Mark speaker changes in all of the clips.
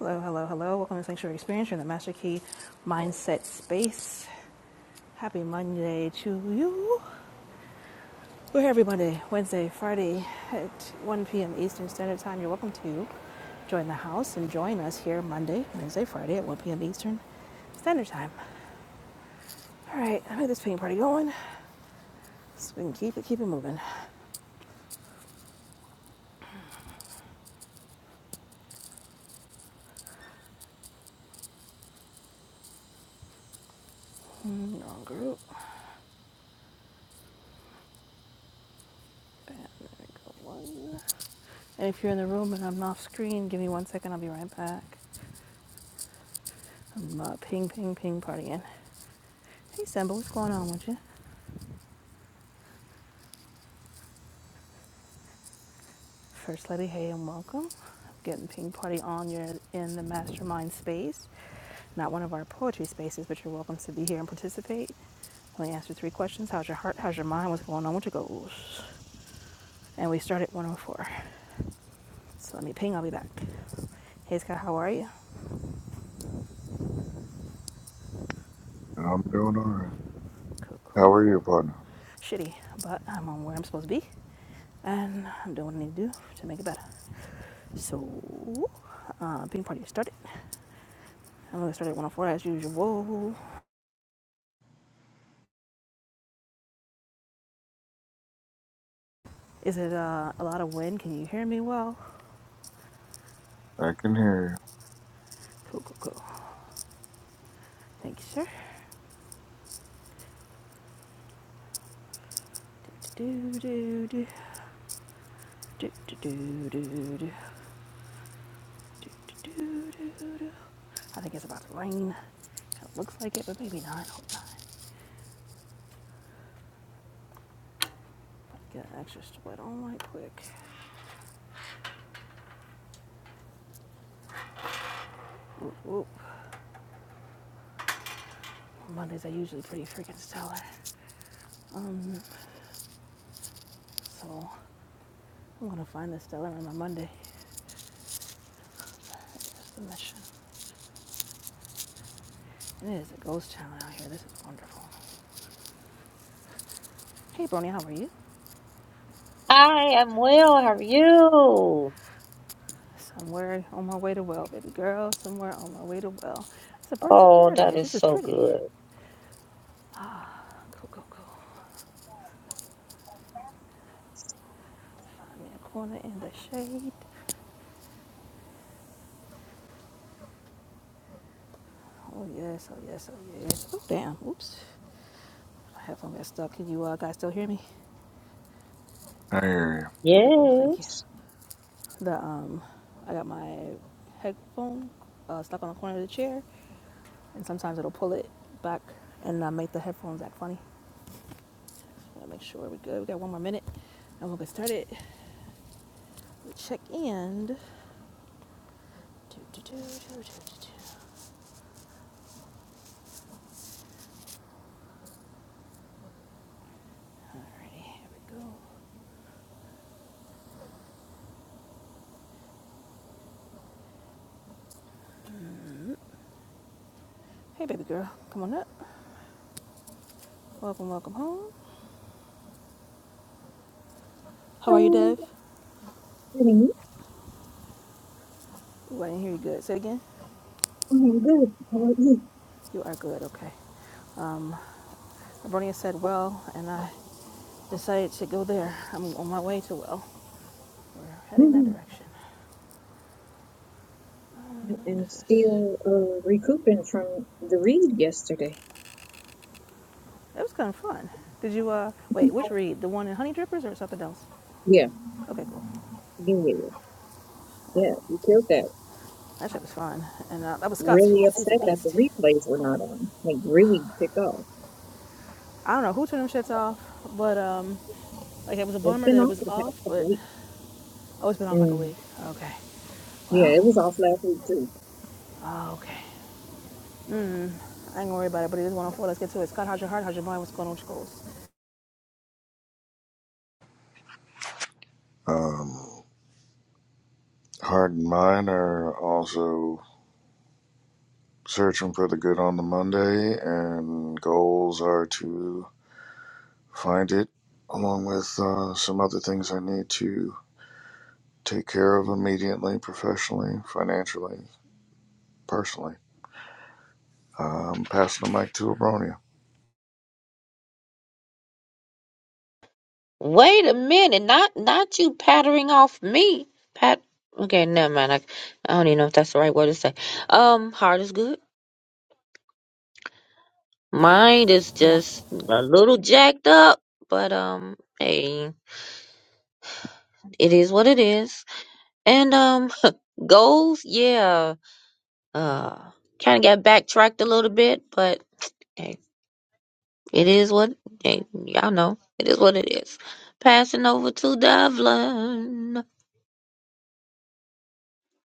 Speaker 1: Hello, hello, hello. Welcome to Sanctuary Experience. You're in the Master Key Mindset Space. Happy Monday to you. We're here every Monday, Wednesday, Friday at 1 p.m. Eastern Standard Time. You're welcome to join the house and join us here Monday, Wednesday, Friday at 1 p.m. Eastern Standard Time. All right, I made this ping party going so we can keep it, keep it moving. Mm, Wrong group. Bam, there we go. One. And if you're in the room and I'm off screen, give me one second. I'll be right back. I'm uh, ping, ping, ping partying. Hey, Simba, what's going on with you? First Lady, hey, and welcome. Getting Ping Party on. You're in the mastermind space, not one of our poetry spaces, but you're welcome to be here and participate. Only answer three questions How's your heart? How's your mind? What's going on with your goals? And we start at 104. So let me ping, I'll be back. Hey, Scott, how are you?
Speaker 2: I'm doing all right.
Speaker 1: Cool,
Speaker 2: How
Speaker 1: cool.
Speaker 2: are you, partner?
Speaker 1: Shitty, but I'm on where I'm supposed to be, and I'm doing what I need to do to make it better. So, uh, ping party started. I'm gonna start at 104 as usual. Is it uh, a lot of wind? Can you hear me well?
Speaker 2: I can hear
Speaker 1: Cool, cool, cool. Thank you, sir. Do, do, do, do, do, do, do, do, do, do, I think it's about to rain. It looks like it, but maybe not. not. Get an extra split on right quick. Whoop, whoop. Mondays are usually pretty freaking stellar. Um, so I'm gonna find the stellar on my Monday. That's the mission. It is a ghost town out here. This is wonderful. Hey, Brony, how are you?
Speaker 3: I am well. How are you?
Speaker 1: Somewhere on my way to well, baby girl. Somewhere on my way to well. It's a bird's of
Speaker 3: Oh, that
Speaker 1: paradise.
Speaker 3: is
Speaker 1: This is
Speaker 3: so
Speaker 1: pretty.
Speaker 3: good.
Speaker 1: Go, go, go. Find me a corner in the shade. Oh yes, oh yes, oh yes. Oh damn, oops. My headphone got stuck. Can you uh, guys still hear me?
Speaker 2: you. I hear
Speaker 1: Okay, cool, thank you.
Speaker 3: Yes.
Speaker 1: The um I got my headphone uh, stuck on the corner of the chair and sometimes it'll pull it back and uh, make the headphones act funny. So gotta make sure we're good. We got one more minute and we'll get started. We check in. Do, do, do, do, do, do, do. Alrighty, here we go. Hey baby girl, come on up. Welcome, welcome home. How are you,
Speaker 4: Hello,
Speaker 1: Dev?
Speaker 4: Anthony.
Speaker 1: Ooh, I didn't hear you good. Say it again.
Speaker 4: I'm good. How about you?
Speaker 1: You are good, okay. Um, Abronia said well, and I decided to go there. I'm on my way to well. We're heading that
Speaker 4: Mhm.
Speaker 1: direction. Um, what is
Speaker 4: And
Speaker 1: this?
Speaker 4: still uh, recouping from the read yesterday.
Speaker 1: That was kind of fun. Did you, uh,
Speaker 4: Yeah,
Speaker 1: wait, which read? The one in Honey Drippers or something else?
Speaker 4: yeah,
Speaker 1: Okay, cool.
Speaker 4: yeah, yeah. Yeah, You killed that.
Speaker 1: That shit was fun. And uh, that was Scott's
Speaker 4: Really
Speaker 1: piece. He's a
Speaker 4: upset that the
Speaker 1: beast.
Speaker 4: replays were not on. Like really ticked off.
Speaker 1: I don't know who turned them shits off, but, um, like, it was a
Speaker 4: It's
Speaker 1: bummer
Speaker 4: been
Speaker 1: that it
Speaker 4: off
Speaker 1: was
Speaker 4: for the past
Speaker 1: off, but
Speaker 4: couple weeks.
Speaker 1: oh, it's been off like a
Speaker 4: Mm.
Speaker 1: week. Okay.
Speaker 4: Yeah,
Speaker 1: Well,
Speaker 4: it was off last week too.
Speaker 1: okay. I ain't gonna worry about it, but it is 104. Let's get to it. Scott, how's your heart? How's your mind? What's going on with your goals?
Speaker 2: you. Um, heart and mind are also searching for the good on the Monday, and goals are to find it, along with uh, some other things I need to take care of immediately, professionally, financially, personally. Uh, I'm passing the mic to Abronia.
Speaker 3: Wait a minute. Not not you pattering off me. Pat. Okay, never mind. I, I don't even know if that's the right word to say. Um, heart is good. Mind is just a little jacked up, but um, hey, it is what it is. And um, goals, yeah. Uh, kind of got backtracked a little bit, but. hey, It is what hey, y'all know. It is what it is. Passing over to Devlin.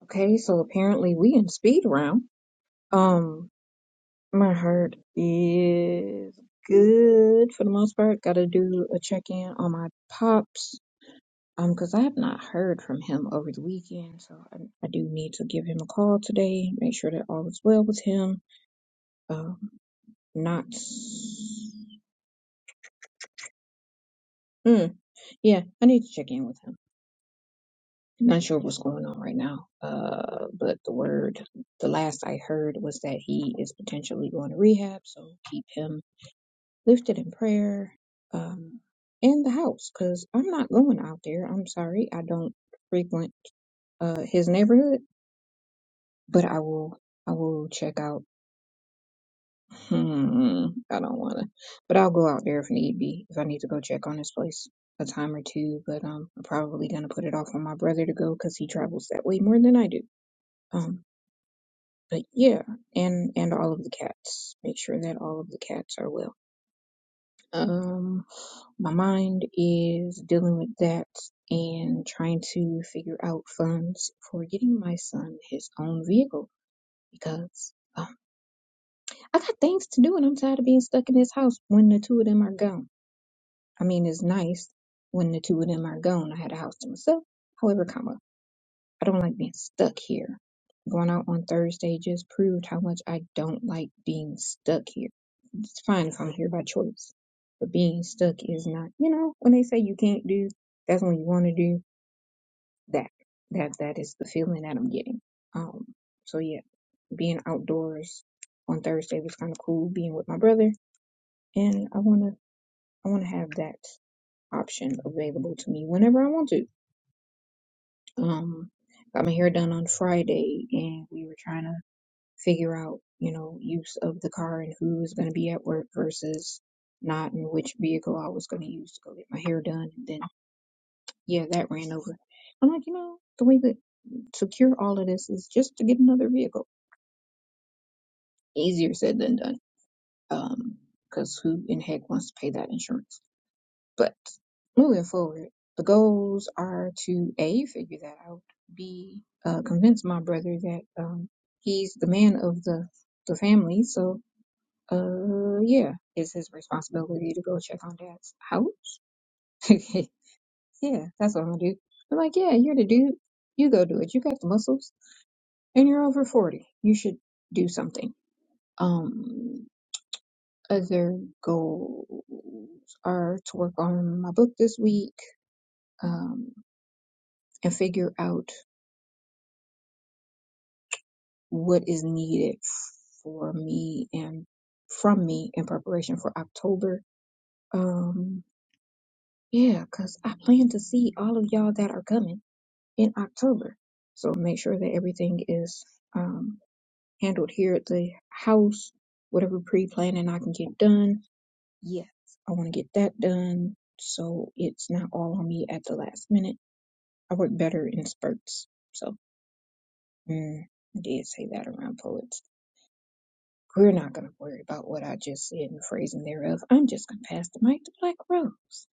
Speaker 4: Okay, so apparently we in speed round. Um, my heart is good for the most part. Gotta do a check in on my pops. Um, because I have not heard from him over the weekend, so I, I do need to give him a call today, make sure that all is well with him. Um, not, mm, yeah, I need to check in with him. Not sure what's going on right now. Uh, but the word, the last I heard was that he is potentially going to rehab, so keep him lifted in prayer. Um, in the house, because I'm not going out there. I'm sorry, I don't frequent uh his neighborhood, but I will I will check out Hmm, I don't want to, but I'll go out there if need be, if I need to go check on this place a time or two. But um, I'm probably gonna put it off on my brother to go because he travels that way more than I do. Um, but yeah, and and all of the cats. Make sure that all of the cats are well. Um, my mind is dealing with that and trying to figure out funds for getting my son his own vehicle because um, I got things to do and I'm tired of being stuck in this house when the two of them are gone. I mean, it's nice when the two of them are gone. I had a house to myself. However, comma, I don't like being stuck here. Going out on Thursday just proved how much I don't like being stuck here. It's fine if I'm here by choice, but being stuck is not. You know, when they say you can't do, that's when you want to do that. That that is the feeling that I'm getting. Um, so yeah, being outdoors on Thursday was kind of cool. Being with my brother, and I wanna I wanna have that option available to me whenever I want to. Um, got my hair done on Friday, and we were trying to figure out, you know, use of the car and who was going to be at work versus not, and which vehicle I was going to use to go get my hair done. And then, yeah, that ran over. I'm like, you know, the way that to cure all of this is just to get another vehicle. Easier said than done. Um, because who in heck wants to pay that insurance? But moving forward, the goals are to A, figure that out, B, uh, convince my brother that um, he's the man of the, the family. So, uh, yeah, it's his responsibility to go check on dad's house. yeah, that's what I'm gonna do. I'm like, yeah, you're the dude. You go do it. You got the muscles and you're over 40. You should do something. Um, other goals are to work on my book this week. Um, and figure out what is needed for me and from me in preparation for October. Um, yeah, because I plan to see all of y'all that are coming in October. So make sure that everything is um, handled here at the house, whatever pre planning I can get done. Yes, I want to get that done so it's not all on me at the last minute. I work better in spurts. So, mm, I did say that around poets. We're not going to worry about what I just said and the phrasing thereof. I'm just going to pass the mic to Black Rose.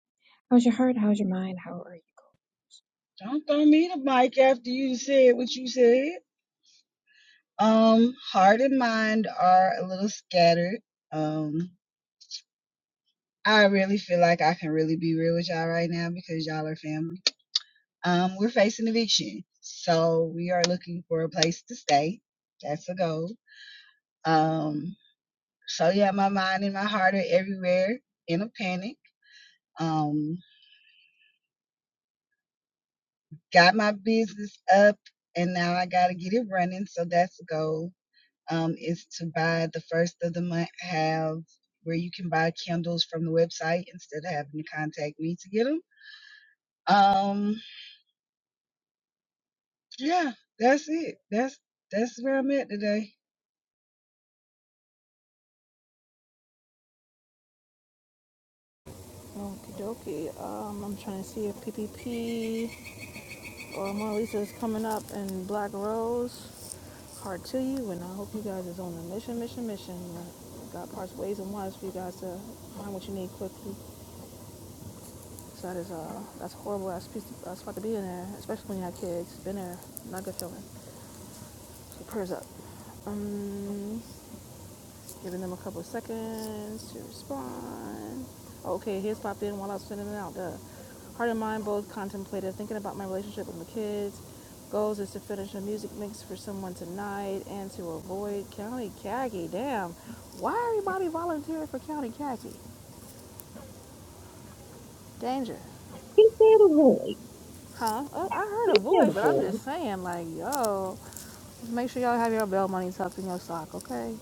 Speaker 4: How's your heart? How's your mind? How are you?
Speaker 5: Don't throw me the mic after you said what you said. Um, heart and mind are a little scattered. Um, I really feel like I can really be real with y'all right now because y'all are family. Um, we're facing eviction, so we are looking for a place to stay. That's a goal. Um, so yeah, my mind and my heart are everywhere in a panic. Um, got my business up and now I gotta get it running, so that's a goal um, is to buy the first of the month have where you can buy candles from the website instead of having to contact me to get them. Um, yeah, that's it. That's that's where I'm at today.
Speaker 1: okie dokie. Um, I'm trying to see if PPP or Mona Lisa is coming up in Black Rose. Heart to you, and I hope you guys is on the mission, mission, mission. God parts ways and wise for you guys to find what you need quickly. So that is uh, that's a horrible ass piece to, uh, spot to be in there, especially when you have kids. Been there, not good feeling. So prayers up. Um, Giving them a couple of seconds to respond. Okay, here's popped in while I was sending it out. Duh. Heart and mind both contemplative, thinking about my relationship with my kids. Goals is to finish a music mix for someone tonight and to avoid county khaki. Damn, why everybody volunteering for county khaki? Danger,
Speaker 4: He said a boy.
Speaker 1: huh? Oh, I heard
Speaker 4: He said
Speaker 1: avoid,
Speaker 4: a
Speaker 1: but I'm
Speaker 4: boy.
Speaker 1: just saying, like, yo, make sure y'all have your bell money tucked in your sock, okay?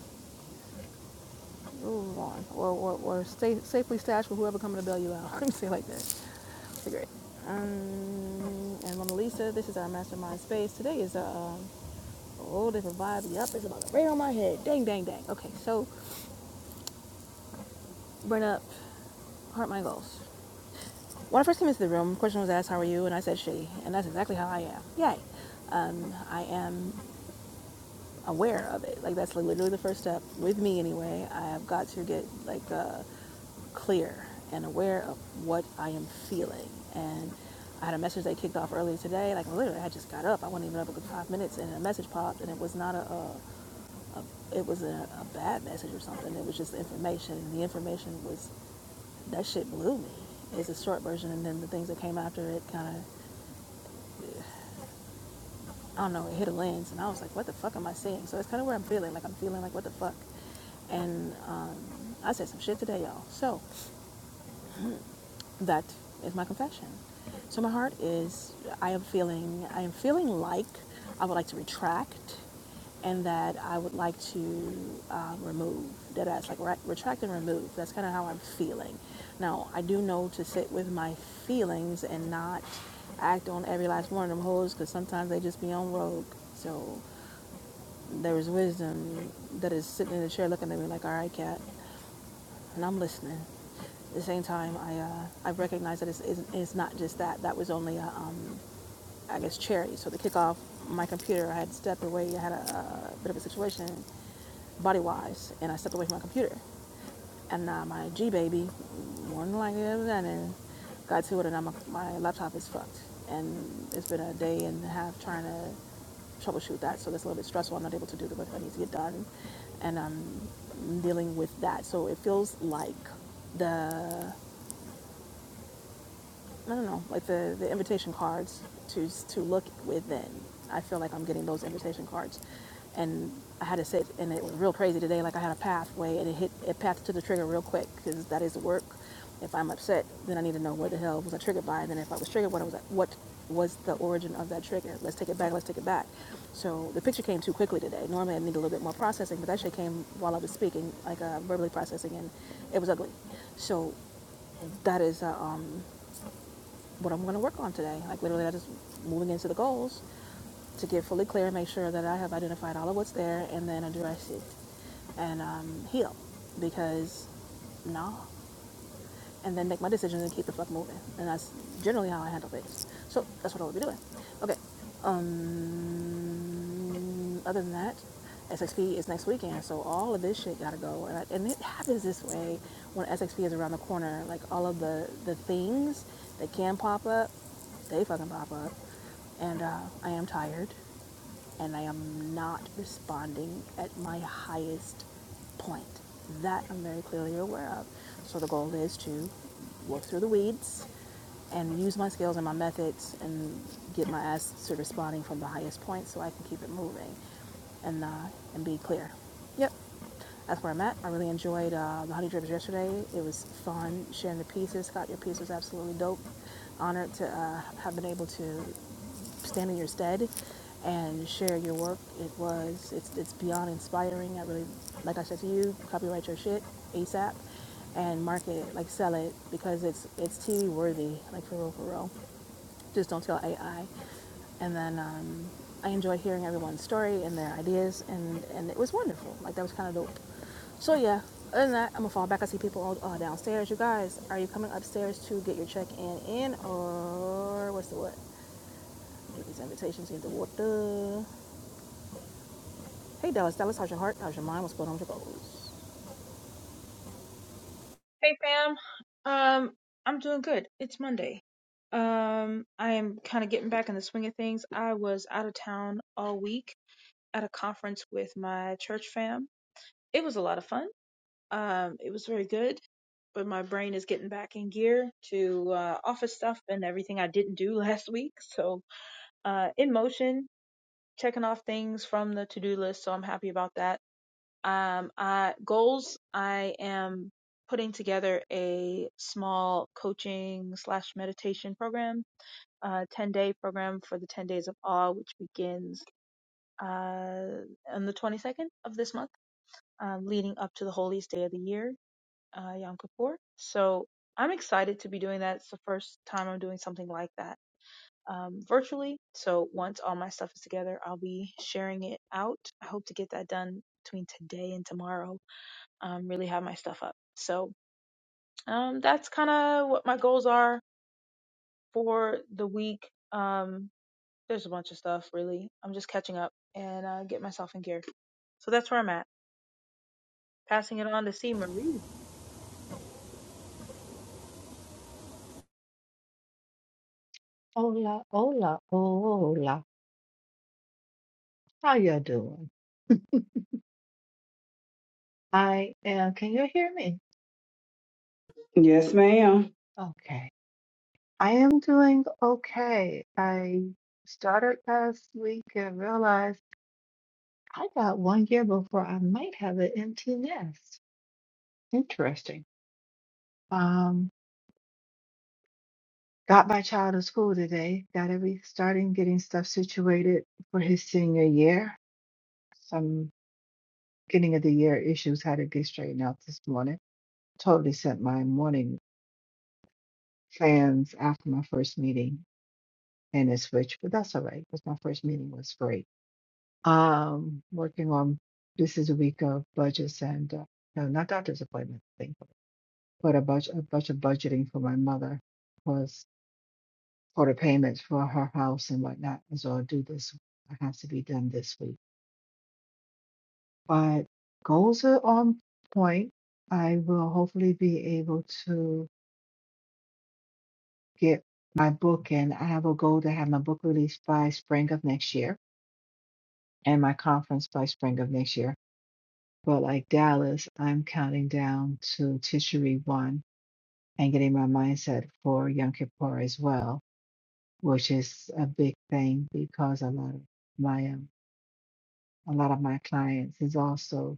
Speaker 1: Move on. Or, or, or stay safely stashed with whoever coming to bail you out. Let me say it like that. Be great. Um, and Mona Lisa, this is our mastermind space. Today is a, um, a whole different vibe. Yup, it's about to rain on my head. Dang, dang, dang. Okay, so burn up heart my goals. When I first came into the room, the question was asked, "How are you?" and I said, "Shitty," and that's exactly how I am. Yay. Um, I am. aware of it. Like that's literally the first step with me anyway. I have got to get like uh, clear and aware of what I am feeling. And I had a message they kicked off earlier today. Like literally, I just got up. I wasn't even up a good five minutes, and a message popped, and it was not a, a, a it was a, a bad message or something. It was just information, and the information was that shit blew me. It's a short version, and then the things that came after it kind of. I don't know, it hit a lens, and I was like, what the fuck am I seeing? So it's kind of where I'm feeling, like I'm feeling like, what the fuck? And um, I said some shit today, y'all. So that is my confession. So my heart is I am feeling I am feeling like I would like to retract and that I would like to um, remove that as like re- retract and remove. That's kind of how I'm feeling. Now I do know to sit with my feelings and not act on every last one of them hoes because sometimes they just be on rogue. So there is wisdom that is sitting in the chair looking at me like, all right, cat and I'm listening. At the same time, I uh, I recognize that it's, it's, it's not just that. That was only a um, I guess charity. So to kick off, my computer, I had stepped away. I had a, a bit of a situation body wise, and I stepped away from my computer. And now my G baby, more than likely, and got to it, and now my, my laptop is fucked. And it's been a day and a half trying to troubleshoot that, so that's a little bit stressful. I'm not able to do the work I need to get done, and I'm dealing with that. So it feels like the. I don't know, like the, the invitation cards to to look within. I feel like I'm getting those invitation cards, and I had to sit, and it was real crazy today. Like I had a pathway, and it hit it pathed to the trigger real quick because that is work. If I'm upset, then I need to know where the hell was I triggered by, and then if I was triggered, what was what was the origin of that trigger? Let's take it back. Let's take it back. So the picture came too quickly today. Normally I need a little bit more processing, but that shit came while I was speaking, like uh, verbally processing, and it was ugly. So that is. Uh, um, what I'm going to work on today. Like literally, I just moving into the goals to get fully clear and make sure that I have identified all of what's there and then address it and um, heal because no, And then make my decisions and keep the fuck moving. And that's generally how I handle things. So that's what I would be doing. Okay. Um... Um, other than that, SXP is next weekend, so all of this shit gotta go. And, I, and it happens this way when SXP is around the corner. Like all of the the things that can pop up, they fucking pop up. And uh, I am tired, and I am not responding at my highest point. That I'm very clearly aware of. So the goal is to work through the weeds and use my skills and my methods and get my ass to responding from the highest point so I can keep it moving and uh, and be clear. Yep that's where I'm at. I really enjoyed uh, the Honey Drips yesterday. It was fun sharing the pieces. Scott, your piece was absolutely dope. Honored to uh, have been able to stand in your stead and share your work. It was it's it's beyond inspiring. I really like I said to you, copyright your shit ASAP and market it, like sell it because it's it's TV worthy, like for real for real. Just don't tell AI. And then um, I enjoyed hearing everyone's story and their ideas, and, and it was wonderful. Like, that was kind of dope. So, yeah, other than that, I'm gonna fall back. I see people all uh, downstairs. You guys, are you coming upstairs to get your check in in, or what's the what? Get these invitations in the water. Hey, Dallas, Dallas, how's your heart? How's your mind? What's going on with your goals?
Speaker 6: Hey fam. Um, I'm doing good. It's Monday. Um, I am kind of getting back in the swing of things. I was out of town all week at a conference with my church fam. It was a lot of fun. Um, it was very good, but my brain is getting back in gear to uh, office stuff and everything I didn't do last week. So, uh, in motion, checking off things from the to-do list. So I'm happy about that um, uh, goals, I am putting together a small coaching slash meditation program, uh, 10 day program for the 10 days of awe, which begins, uh, on the 22nd of this month, um, leading up to the holiest day of the year, uh, Yom Kippur. So I'm excited to be doing that. It's the first time I'm doing something like that. Um, virtually. So once all my stuff is together, I'll be sharing it out. I hope to get that done between today and tomorrow um, really have my stuff up. So um, that's kind of what my goals are for the week. Um, there's a bunch of stuff, really. I'm just catching up and uh, get myself in gear. So that's where I'm at. Passing it on to C. Marie.
Speaker 7: Hola, hola, hola. How you doing? I am, can you hear me?
Speaker 5: Yes, ma'am.
Speaker 7: Okay. I am doing okay. I started last week and realized I got one year before I might have an empty nest. Interesting. Um, got my child to school today. Got every starting getting stuff situated for his senior year. Some beginning of the year issues had to get straightened out this morning. Totally sent my morning. fans after my first meeting and it switched, but that's all right because my first meeting was great. Um, working on this is a week of budgets and uh, no, not doctor's appointment, thankfully, but a bunch, a bunch of budgeting for my mother was for the payments for her house and whatnot. And so I'll do this. It has to be done this week. But goals are on point. I will hopefully be able to get my book in. I have a goal to have my book released by spring of next year and my conference by spring of next year. But like Dallas, I'm counting down to Tishery 1 and getting my mindset for Yom Kippur as well, which is a big thing because a lot of my um, a lot of my clients is also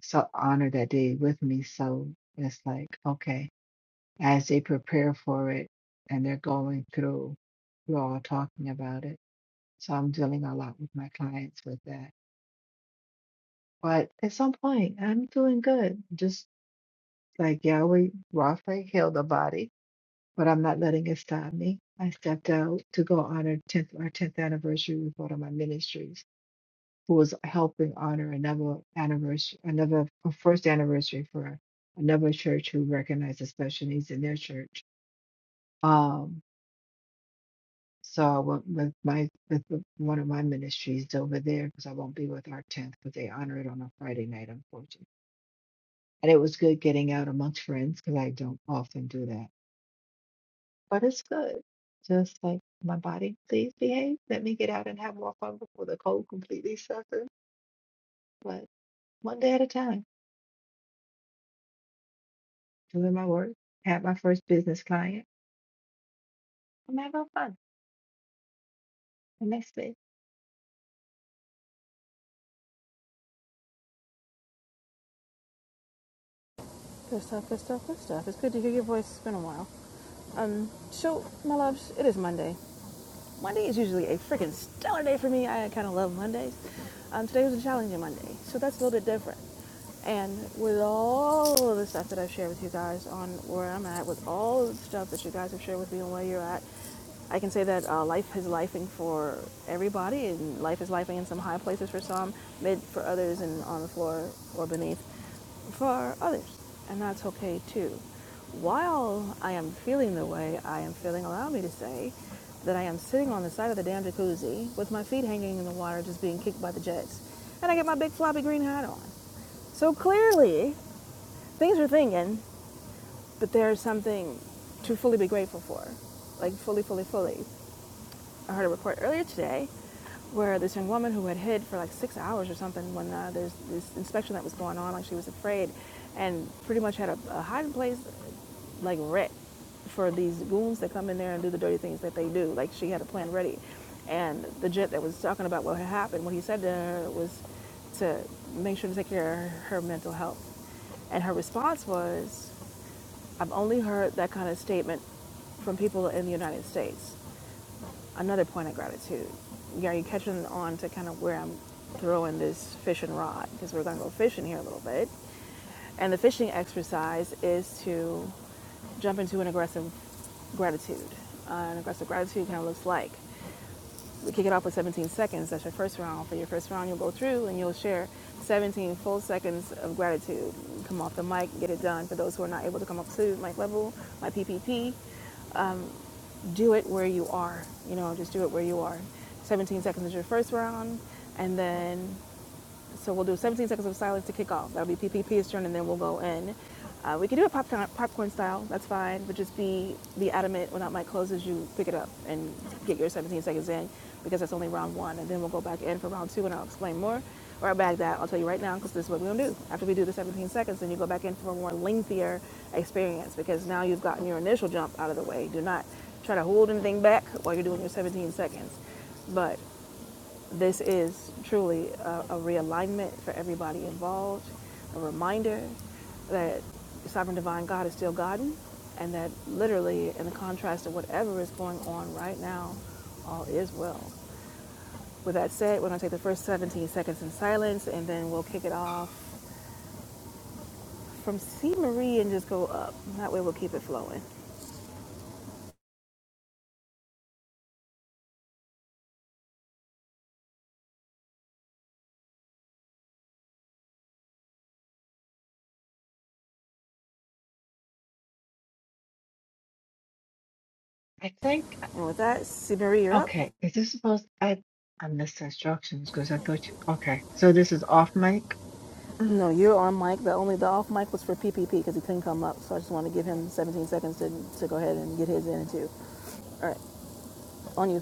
Speaker 7: so honored that day with me. So it's like okay, as they prepare for it and they're going through, we're all talking about it. So I'm dealing a lot with my clients with that. But at some point, I'm doing good. Just like Yahweh Rapha healed the body, but I'm not letting it stop me. I stepped out to go honor 10th, our 10th anniversary with one of my ministries, who was helping honor another anniversary, another a first anniversary for another church who recognized the special needs in their church. Um, so I went with my with one of my ministries over there because I won't be with our 10th because they honor it on a Friday night, unfortunately. And it was good getting out amongst friends because I don't often do that but it's good. Just like my body, please behave. Let me get out and have more fun before the cold completely shuts in. But one day at a time, doing my work, had my first business client. I'm having fun. The next day,
Speaker 1: Good stuff, good stuff, good stuff. It's good to hear your voice. It's been a while. Um, so, my loves, it is Monday. Monday is usually a freaking stellar day for me. I kind of love Mondays. Um, today was a challenging Monday, so that's a little bit different. And with all of the stuff that I've shared with you guys on where I'm at, with all of the stuff that you guys have shared with me on where you're at, I can say that uh, life is lifing for everybody, and life is lifing in some high places for some, mid for others, and on the floor or beneath for others, and that's okay too. While I am feeling the way I am feeling, allow me to say that I am sitting on the side of the damn jacuzzi with my feet hanging in the water, just being kicked by the jets, and I get my big floppy green hat on. So clearly, things are thinking, but there's something to fully be grateful for, like fully, fully, fully. I heard a report earlier today where this young woman who had hid for like six hours or something when uh, there's this inspection that was going on, like she was afraid, and pretty much had a, a hiding place like wreck for these goons that come in there and do the dirty things that they do. Like she had a plan ready, and the jet that was talking about what had happened, what he said to her was to make sure to take care of her mental health, and her response was, I've only heard that kind of statement from people in the United States another point of gratitude. Are you catching on to kind of where I'm throwing this fishing rod because we're going to go fishing here a little bit. And the fishing exercise is to jump into an aggressive gratitude. Uh, an aggressive gratitude kind of looks like we kick it off with 17 seconds. That's your first round. For your first round, you'll go through and you'll share 17 full seconds of gratitude. Come off the mic, get it done. For those who are not able to come up to mic level, my PPP do it where you are. You know, just do it where you are. 17 seconds is your first round, and then so we'll do 17 seconds of silence to kick off. That'll be PPP's turn, and then we'll go in. Uh, we can do it popcorn, popcorn style. That's fine. But just be be adamant when that mic closes, you pick it up and get your 17 seconds in, because that's only round one. And then we'll go back in for round two, and I'll explain more. Or I'll bag that. I'll tell you right now, because this is what we're gonna do. After we do the 17 seconds, then you go back in for a more lengthier experience, because now you've gotten your initial jump out of the way. Do not try to hold anything back while you're doing your 17 seconds. But this is truly a, a realignment for everybody involved, a reminder that sovereign divine God is still God, and that literally, in the contrast of whatever is going on right now, all is well. With that said, we're going to take the first 17 seconds in silence, and then we'll kick it off from C. Marie and just go up. That way, we'll keep it flowing.
Speaker 7: I think,
Speaker 1: And with that, C. Marie, you're up.
Speaker 7: okay, is this supposed I I missed instructions because I thought you, okay, so this is off mic. Mm,
Speaker 1: No, you're on mic. The only the off mic was for PPP because he couldn't come up. So I just want to give him 17 seconds to, to go ahead and get his in too. All right, on you.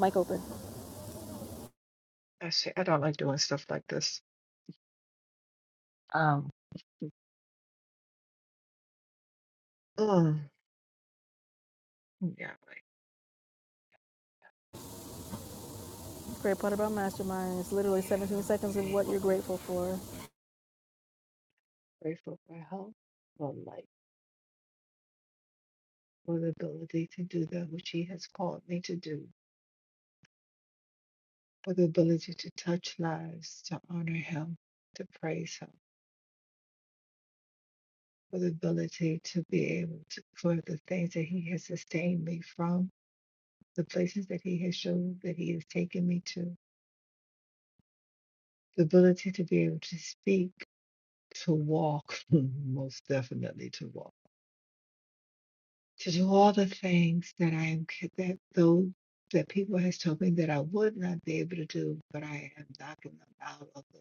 Speaker 1: Mic open.
Speaker 7: I see, I don't like doing stuff like this. Um, mm, yeah, right.
Speaker 1: Great part about Mastermind is literally
Speaker 7: Yeah,
Speaker 1: 17 seconds of
Speaker 7: way.
Speaker 1: what you're grateful for.
Speaker 7: Grateful for help. for life, for the ability to do that which He has called me to do, for the ability to touch lives, to honor Him, to praise Him, for the ability to be able to, for the things that He has sustained me from, the places that He has shown that He has taken me to, the ability to be able to speak, to walk, most definitely to walk to do all the things that I am ca- that those that people has told me that I would not be able to do, but I am knocking them out of the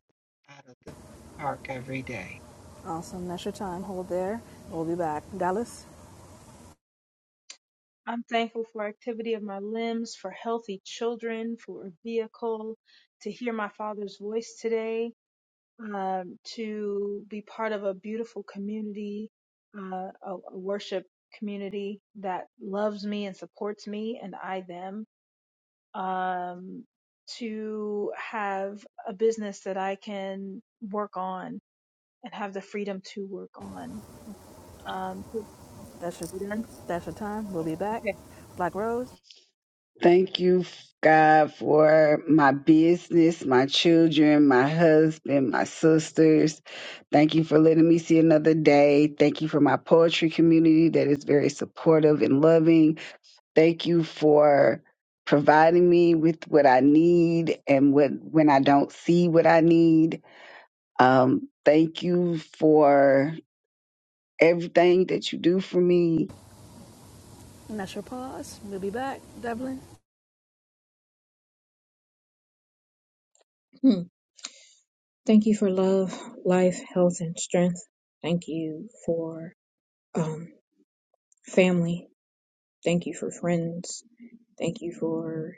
Speaker 7: out of the park every day.
Speaker 1: Awesome. That's your time. Hold there. We'll be back. Dallas.
Speaker 6: I'm thankful for activity of my limbs, for healthy children, for a vehicle, to hear my father's voice today, um, to be part of a beautiful community, uh, a a worship community that loves me and supports me and I them um, to have a business that I can work on and have the freedom to work on. Um, so-
Speaker 1: That's your
Speaker 6: you done?
Speaker 1: that's your time. We'll be back.
Speaker 6: Okay.
Speaker 1: Black Rose.
Speaker 5: Thank you, God, for my business, my children, my husband, my sisters. Thank you for letting me see another day. Thank you for my poetry community that is very supportive and loving. Thank you for providing me with what I need and what when I don't see what I need. Um, thank you for everything that you do for me
Speaker 1: And that's your pause. We'll be back. Devlin.
Speaker 4: Hmm. Thank you for love, life, health, and strength. Thank you for um, family. Thank you for friends. Thank you for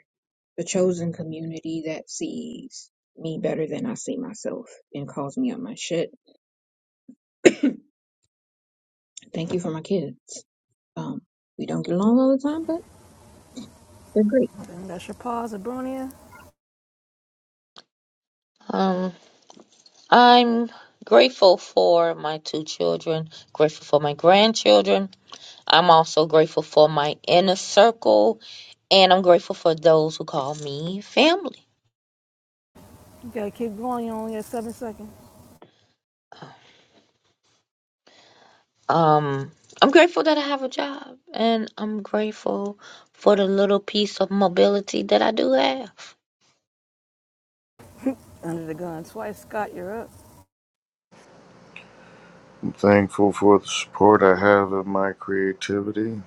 Speaker 4: the chosen community that sees me better than I see myself and calls me on my shit. Thank you for my kids. Um, we don't get along all the time, but they're great.
Speaker 1: And that's your pause. Abronia.
Speaker 3: Um, I'm grateful for my two children. Grateful for my grandchildren. I'm also grateful for my inner circle, and I'm grateful for those who call me family.
Speaker 1: You gotta keep going. You only have seven seconds.
Speaker 3: Um, I'm grateful that I have a job, and I'm grateful for the little piece of mobility that I do have.
Speaker 1: Under the gun twice. Scott, you're up.
Speaker 2: I'm thankful for the support I have of my creativity,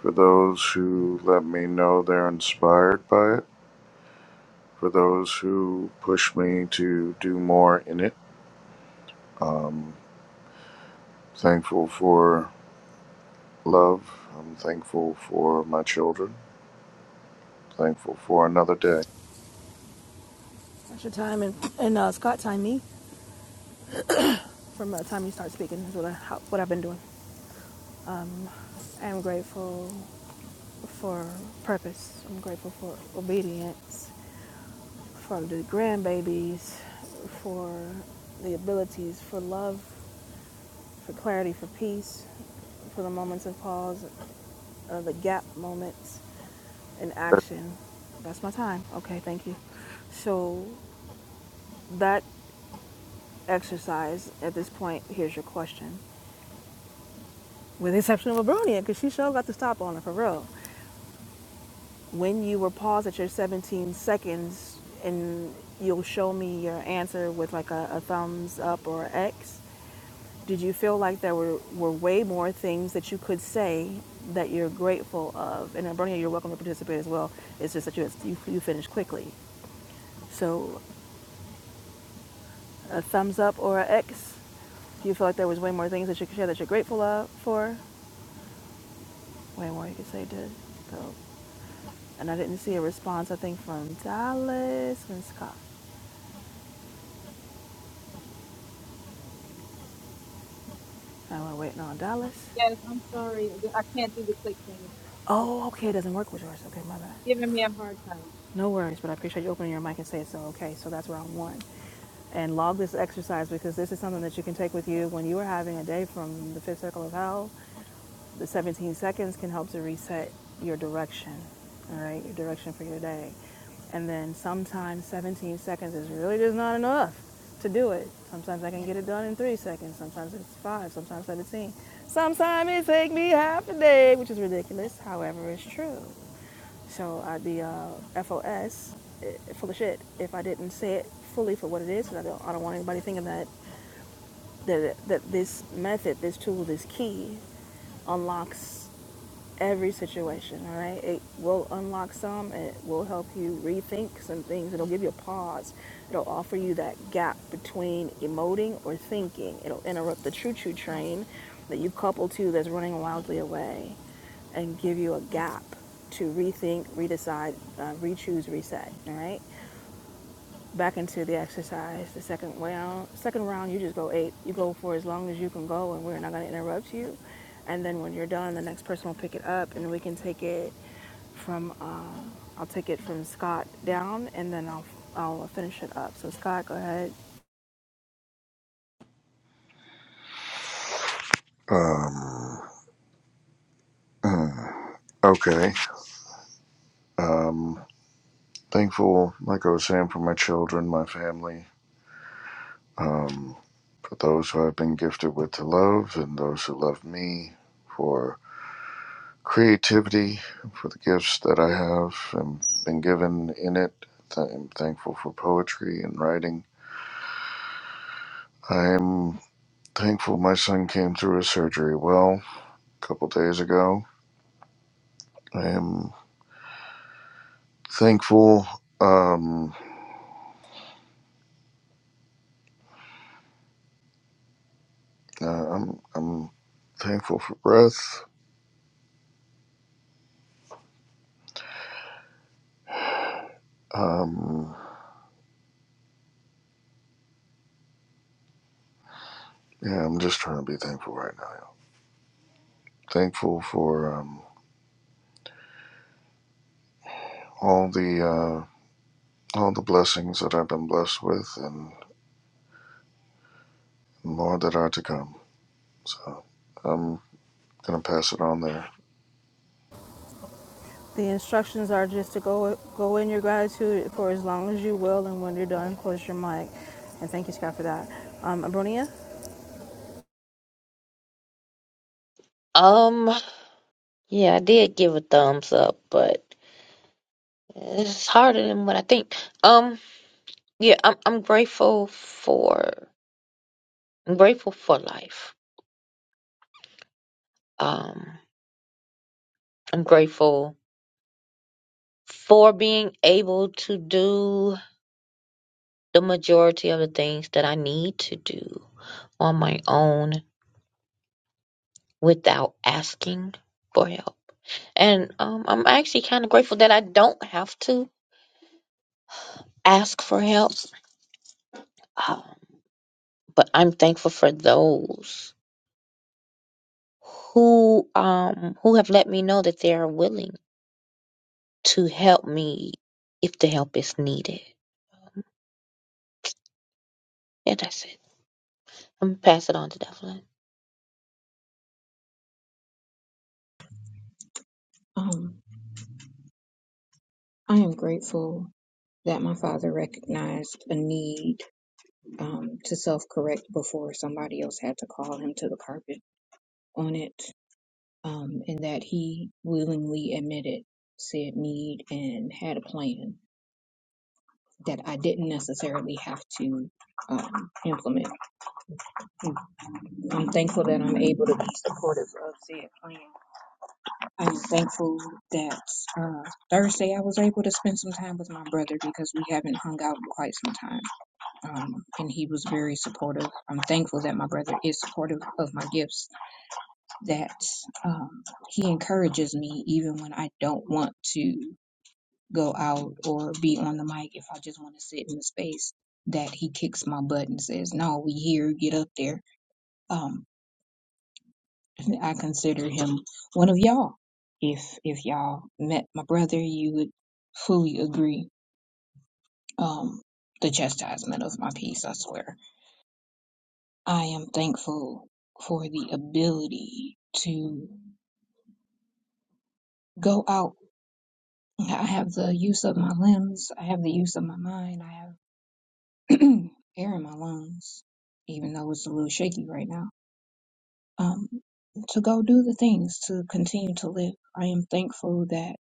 Speaker 2: for those who let me know they're inspired by it for those who push me to do more in it. Thankful for love. I'm thankful for my children. Thankful for another day.
Speaker 1: That's your time, and, and uh, Scott timed me from the time you start speaking. Is what I how, what I've been doing. Um, I am grateful for purpose. I'm grateful for obedience, for the grandbabies, for the abilities, for love, for clarity, for peace, for the moments of pause, uh, the gap moments in action. That's my time. Okay, thank you. So that exercise at this point here's your question with the exception of abronia because she sure got the stop on her for real when you were paused at your 17 seconds and you'll show me your answer with like a, a thumbs up or x did you feel like there were, were way more things that you could say that you're grateful of and abronia you're welcome to participate as well it's just that you, you, you finished quickly so a thumbs up or an X. Do you feel like there was way more things that you could share that you're grateful of, for? way more you could say did. So, and I didn't see a response. I think from Dallas and Scott. And we're waiting on Dallas.
Speaker 6: Yes, I'm sorry. The- I can't do the click thing. It's, it's
Speaker 1: Oh, okay. It doesn't work with yours. Okay, my bad.
Speaker 6: giving me a hard time.
Speaker 1: No worries, but I appreciate you opening your mic and saying so. Okay, so that's round one. And log this exercise because this is something that you can take with you when you are having a day from the fifth circle of hell. The 17 seconds can help to reset your direction, all right, your direction for your day. And then sometimes 17 seconds is really just not enough to do it. Sometimes I can get it done in three seconds, sometimes it's five, sometimes 17. Sometimes it take me half a day, which is ridiculous. However, it's true. So I'd be uh, FOS, eh, full of shit, if I didn't say it fully for what it is. I don't, I don't want anybody thinking that that, that this method, this tool, this key unlocks every situation, all right? It will unlock some, and it will help you rethink some things. It'll give you a pause. It'll offer you that gap between emoting or thinking. It'll interrupt the choo choo train that you couple to that's running wildly away and give you a gap to rethink, redecide, uh, re choose, reset, all right? back into the exercise the second round second round you just go eight you go for as long as you can go and we're not going to interrupt you and then when you're done the next person will pick it up and we can take it from uh, i'll take it from scott down and then i'll i'll finish it up so scott go ahead
Speaker 2: Um, okay. Thankful, like I was saying, for my children, my family, for those who I've been gifted with to love and those who love me, for creativity, for the gifts that I have and been given in it. I'm thankful for poetry and writing. I'm thankful my son came through his surgery well a couple days ago. I am thankful. Um, uh, I'm I'm thankful for breath. Um, yeah, I'm just trying to be thankful right now. Thankful for um, all the uh, all the blessings that I've been blessed with, and more that are to come. So I'm gonna pass it on there.
Speaker 1: the instructions are just to go go in your gratitude for as long as you will and when you're done close your mic and thank you scott for that um abronia
Speaker 3: Um, yeah, I did give a thumbs up, but. It's harder than what I think. Um, yeah, I'm I'm grateful for I'm grateful for life. Um, I'm grateful for being able to do the majority of the things that I need to do on my own without asking for help. And um, I'm actually kind of grateful that I don't have to ask for help. Um, but I'm thankful for those who um who have let me know that they are willing to help me if the help is needed. Yeah, that's it. I'm gonna pass it on to Devlin.
Speaker 4: Um, I am grateful that my father recognized a need um, to self correct before somebody else had to call him to the carpet on it, um, and that he willingly admitted said need and had a plan that I didn't necessarily have to um, implement. I'm thankful that I'm able to be supportive of said plan I am thankful that uh, Thursday I was able to spend some time with my brother because we haven't hung out in quite some time. Um, and he was very supportive. I'm thankful that my brother is supportive of my gifts, that um, he encourages me even when I don't want to go out or be on the mic if I just want to sit in the space. That he kicks my butt and says, No, we here, get up there. Um, I consider him one of y'all. If if y'all met my brother, you would fully agree. Um, the chastisement of my peace, I swear. I am thankful for the ability to go out. I have the use of my limbs. I have the use of my mind. I have air in my lungs, even though it's a little shaky right now. Um, to go do the things to continue to live. I am thankful that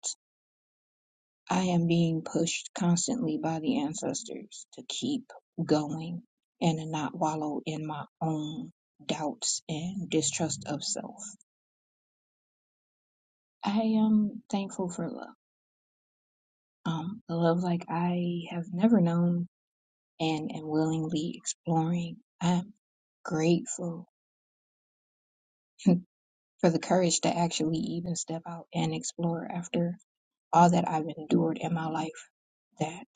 Speaker 4: I am being pushed constantly by the ancestors to keep going and to not wallow in my own doubts and distrust of self. I am thankful for love. Um, the love like I have never known and am willingly exploring. I'm grateful for the courage to actually even step out and explore after all that I've endured in my life that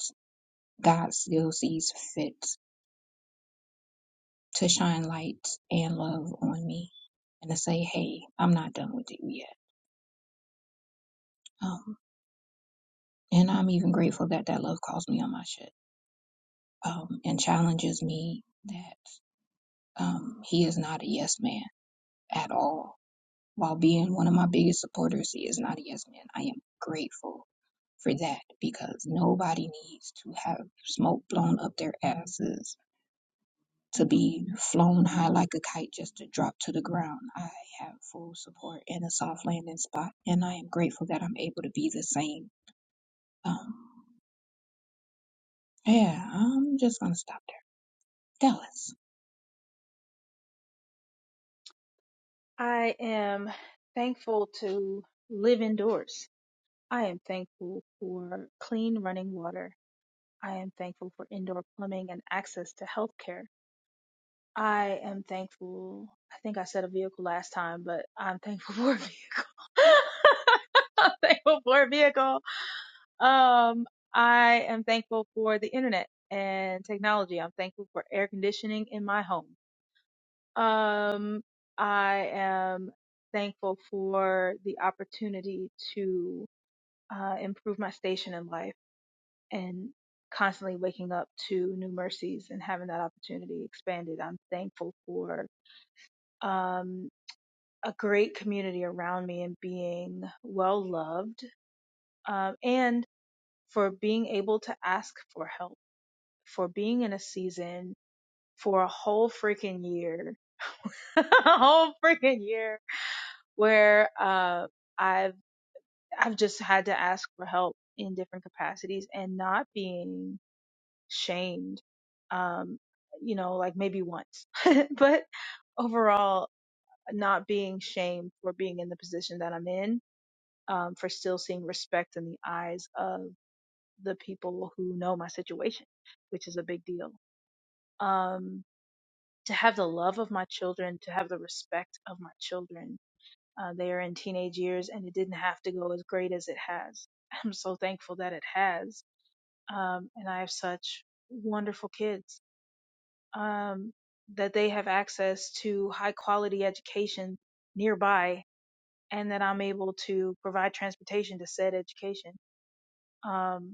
Speaker 4: God still sees fit to shine light and love on me and to say, hey, I'm not done with you yet. Um, and I'm even grateful that that love calls me on my shit um, and challenges me that um, he is not a yes man at all. While being one of my biggest supporters, he is not a yes man. I am grateful for that because nobody needs to have smoke blown up their asses to be flown high like a kite just to drop to the ground. I have full support and a soft landing spot, and I am grateful that I'm able to be the same. Um, yeah, I'm just gonna stop there. Dallas.
Speaker 6: I am thankful to live indoors. I am thankful for clean running water. I am thankful for indoor plumbing and access to healthcare. I am thankful. I think I said a vehicle last time, but I'm thankful for a vehicle. I'm thankful for a vehicle. Um, I am thankful for the internet and technology. I'm thankful for air conditioning in my home. Um, I am thankful for the opportunity to uh, improve my station in life and constantly waking up to new mercies and having that opportunity expanded. I'm thankful for um. a great community around me and being well loved um, and for being able to ask for help for being in a season for a whole freaking year a whole freaking year where uh, i've i've just had to ask for help in different capacities and not being shamed um you know like maybe once but overall not being shamed for being in the position that i'm in um, for still seeing respect in the eyes of the people who know my situation, which is a big deal. Um, to have the love of my children, to have the respect of my children. Uh, they are in teenage years and it didn't have to go as great as it has. I'm so thankful that it has. Um, and I have such wonderful kids um, that they have access to high quality education nearby and that I'm able to provide transportation to said education. Um,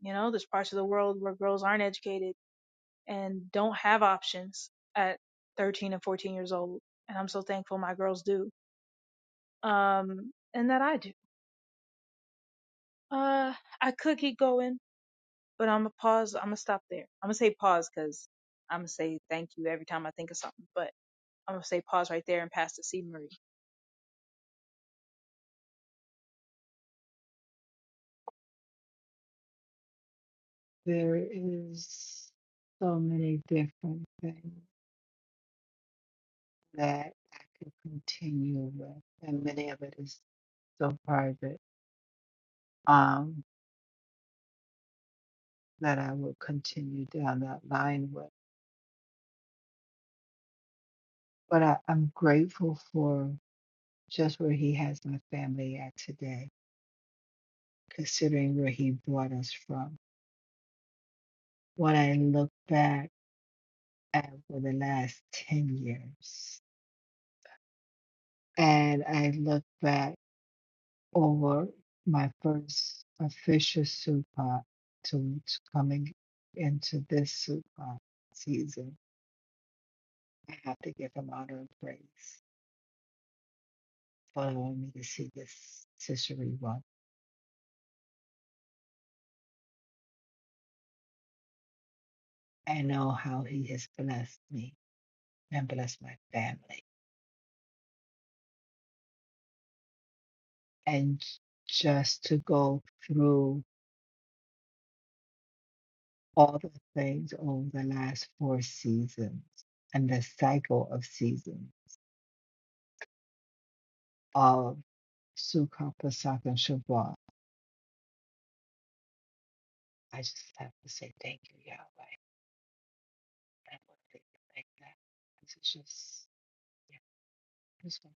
Speaker 6: You know, there's parts of the world where girls aren't educated and don't have options at 13 and 14 years old. And I'm so thankful my girls do. Um, and that I do. Uh, I could keep going, but I'm gonna pause. I'm gonna stop there. I'm gonna say pause because I'm gonna say thank you every time I think of something, but I'm gonna say pause right there and pass to C. Marie.
Speaker 7: There is so many different things that I could continue with, and many of it is so private um, that I will continue down that line with. But I, I'm grateful for just where he has my family at today considering where he brought us from. When I look back at for the last 10 years, and I look back over my first official super to, to coming into this super season, I have to give him honor and praise for allowing me to see this Cicero one. I know how he has blessed me and blessed my family. And just to go through all the things over the last four seasons and the cycle of seasons of Sukkot, Pesach, and Shabbat. I just have to say thank you, Yahweh. I want to thank you like that. This is just, yeah, this one.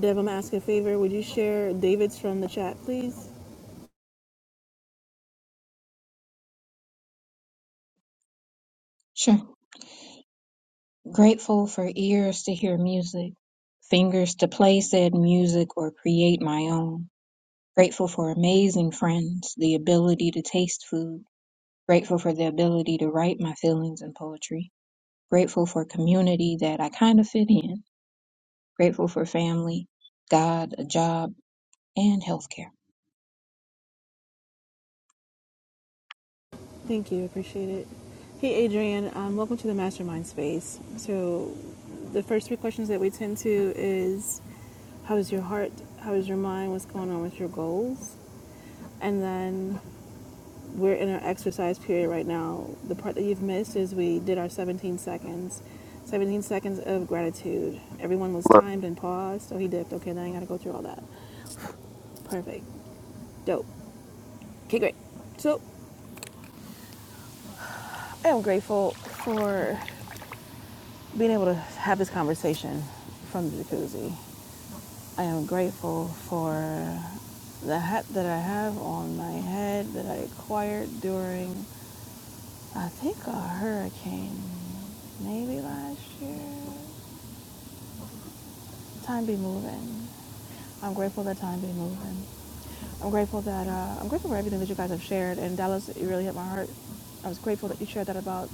Speaker 1: deb i'm asking a favor would you share david's from the chat please
Speaker 4: Sure. Grateful for ears to hear music, fingers to play said music or create my own. Grateful for amazing friends, the ability to taste food. Grateful for the ability to write my feelings in poetry. Grateful for community that I kind of fit in Grateful for family, God, a job, and healthcare.
Speaker 1: Thank you, appreciate it. Hey, Adrian, um, welcome to the Mastermind Space. So, the first three questions that we tend to is how is your heart? How is your mind? What's going on with your goals? And then we're in our exercise period right now. The part that you've missed is we did our 17 seconds, 17 seconds of gratitude. Everyone was timed and paused, so he dipped. Okay, now I gotta go through all that. Perfect. Dope. Okay, great. So I am grateful for being able to have this conversation from the jacuzzi. I am grateful for the hat that I have on my head that I acquired during, I think, a hurricane, maybe last year. The time be moving. I'm grateful that time be moving. I'm grateful that uh, I'm grateful for everything that you guys have shared. And Dallas, it really hit my heart. I was grateful that you shared that about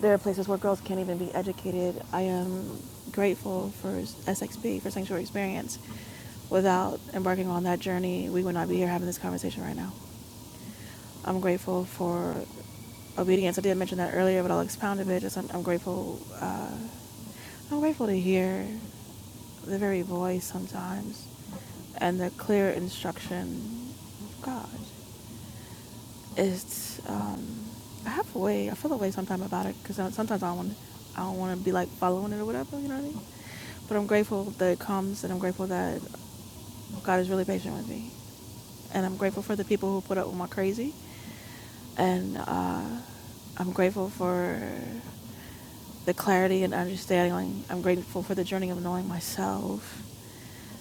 Speaker 1: there are places where girls can't even be educated. I am grateful for SXP for Sanctuary Experience. Without embarking on that journey, we would not be here having this conversation right now. I'm grateful for obedience. I did mention that earlier, but I'll expound a bit. Just I'm, I'm grateful. Uh, I'm grateful to hear the very voice sometimes, and the clear instruction of God it's um I have a way I feel a way sometimes about it because sometimes I want I don't want to be like following it or whatever you know what I mean but I'm grateful that it comes and I'm grateful that God is really patient with me and I'm grateful for the people who put up with my crazy and uh, I'm grateful for the clarity and understanding. like, I'm grateful for the journey of knowing myself.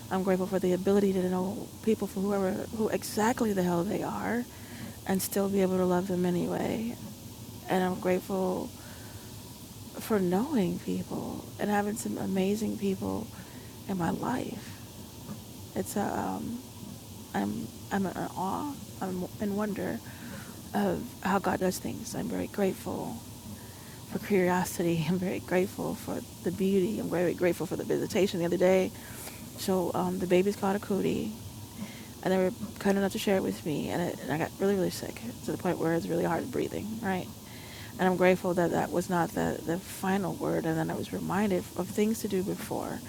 Speaker 1: I'm grateful for the ability to know people for whoever, who exactly the hell they are, and still be able to love them anyway. And I'm grateful for knowing people and having some amazing people in my life. It's a, um, I'm, I'm in awe, I'm in wonder of how God does things. I'm very grateful for curiosity. I'm very grateful for the beauty. I'm very grateful for the visitation the other day. So um, the baby's called a cootie, and they were kind enough to share it with me, and, it, and I got really, really sick to the point where it's really hard breathing, right? And I'm grateful that that was not the, the final word, and then I was reminded of things to do before,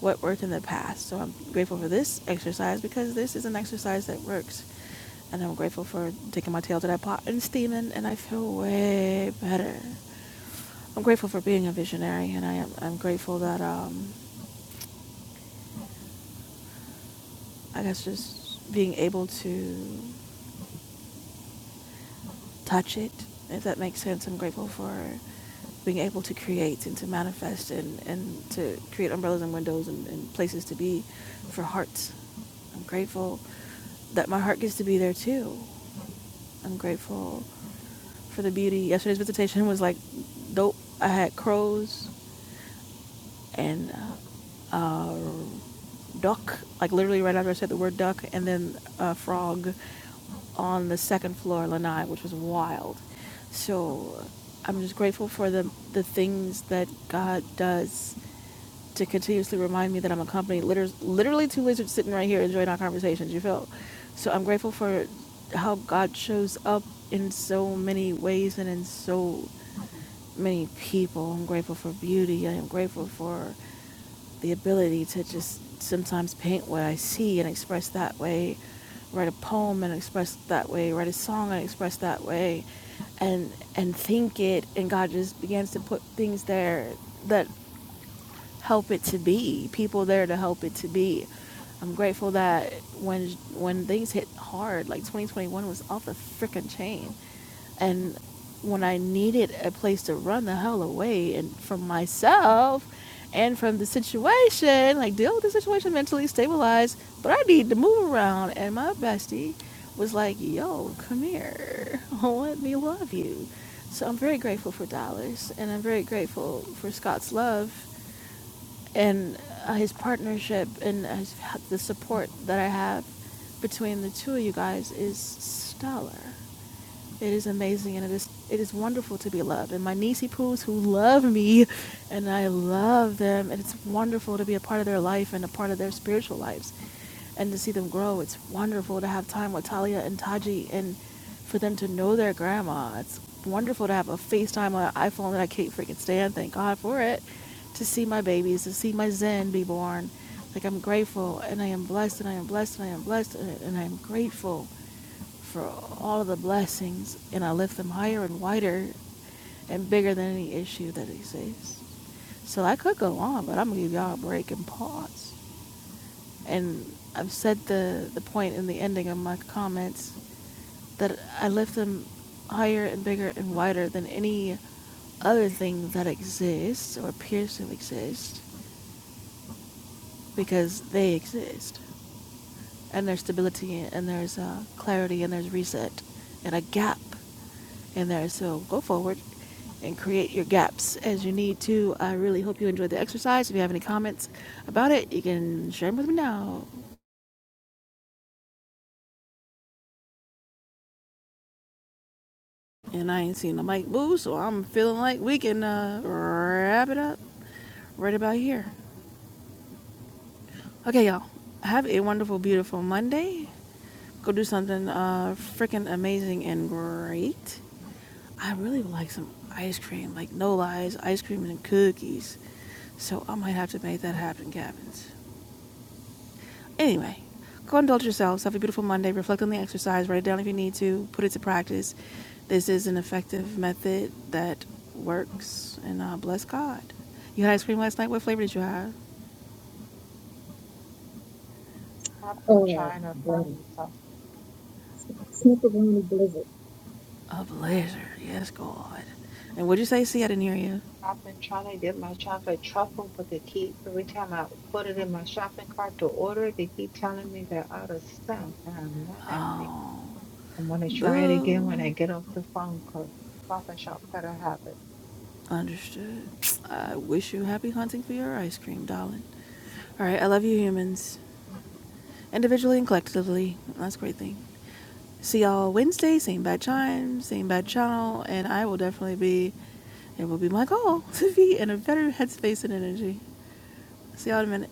Speaker 1: what worked in the past. So I'm grateful for this exercise because this is an exercise that works. And I'm grateful for taking my tail to that pot and steaming, and I feel way better. I'm grateful for being a visionary, and I am I'm grateful that um, I guess just being able to touch it, if that makes sense. I'm grateful for being able to create and to manifest and, and to create umbrellas and windows and, and places to be for hearts. I'm grateful that my heart gets to be there too. I'm grateful for the beauty. Yesterday's visitation was like dope. I had crows and uh, uh, duck, like literally right after I said the word duck, and then a frog on the second floor, lanai, which was wild. So I'm just grateful for the the things that God does to continuously remind me that I'm accompanied. Liter- literally, two lizards sitting right here enjoying our conversations. You feel? So I'm grateful for how God shows up in so many ways and in so many people. I'm grateful for beauty. I am grateful for the ability to just sometimes paint what I see and express that way, write a poem and express that way, write a song and express that way, and and think it. And God just begins to put things there that help it to be, people there to help it to be. I'm grateful that when when things hit hard, like 2021 was off the freaking chain, and when I needed a place to run the hell away and from myself and from the situation, like deal with the situation mentally, stabilize, but I need to move around. And my bestie was like, yo, come here. Let me love you. So I'm very grateful for Dallas and I'm very grateful for Scott's love and uh, his partnership and his, the support that I have between the two of you guys is stellar. It is amazing and it is it is wonderful to be loved. And my niecey poos who love me and I love them and it's wonderful to be a part of their life and a part of their spiritual lives and to see them grow. It's wonderful to have time with Talia and Taji and for them to know their grandma. It's wonderful to have a FaceTime on an iPhone that I can't freaking stand, thank God for it. To see my babies, to see my Zen be born. Like I'm grateful and I am blessed and I am blessed and I am blessed and and I am grateful for all of the blessings, and I lift them higher and wider and bigger than any issue that exists. So I could go on, but I'm gonna give y'all a break and pause. And I've said the the point in the ending of my comments that I lift them higher and bigger and wider than any other thing that exists or appears to exist because they exist and there's stability and there's uh, clarity and there's reset and a gap in there. So go forward and create your gaps as you need to. I really hope you enjoyed the exercise. If you have any comments about it, you can share them with me now. And I ain't seen the mic move, so I'm feeling like we can uh, wrap it up right about here. Okay, y'all. Have a wonderful, beautiful Monday. Go do something uh, freaking amazing and great. I really would like some ice cream, like no lies, ice cream and cookies. So I might have to make that happen, Gavins. Anyway, go indulge yourselves. Have a beautiful Monday. Reflect on the exercise. Write it down if you need to. Put it to practice. This is an effective method that works. And uh, bless God. You had ice cream last night. What flavor did you have?
Speaker 7: I've been
Speaker 4: Oh,
Speaker 7: trying to
Speaker 4: bro.
Speaker 7: find it. So
Speaker 4: Sneakeroni Blizzard.
Speaker 1: A blizzard. Yes, God. And what'd you say? See, I didn't hear you.
Speaker 7: I've been trying to get my chocolate truffle, but they keep, every time I put it in my shopping cart to order it, they keep telling me they're out of stuff. And I'm not happy.
Speaker 1: Oh,
Speaker 7: I'm going to try it again when I
Speaker 1: boo.
Speaker 7: get off the phone call. Stop and shop better have it.
Speaker 1: Understood. I wish you happy hunting for your ice cream, darling. All right. I love you, humans. individually and collectively. That's a great thing. See y'all Wednesday, same bad time, same bad channel, and I will definitely be, it will be my goal to be in a better headspace and energy. See y'all in a minute.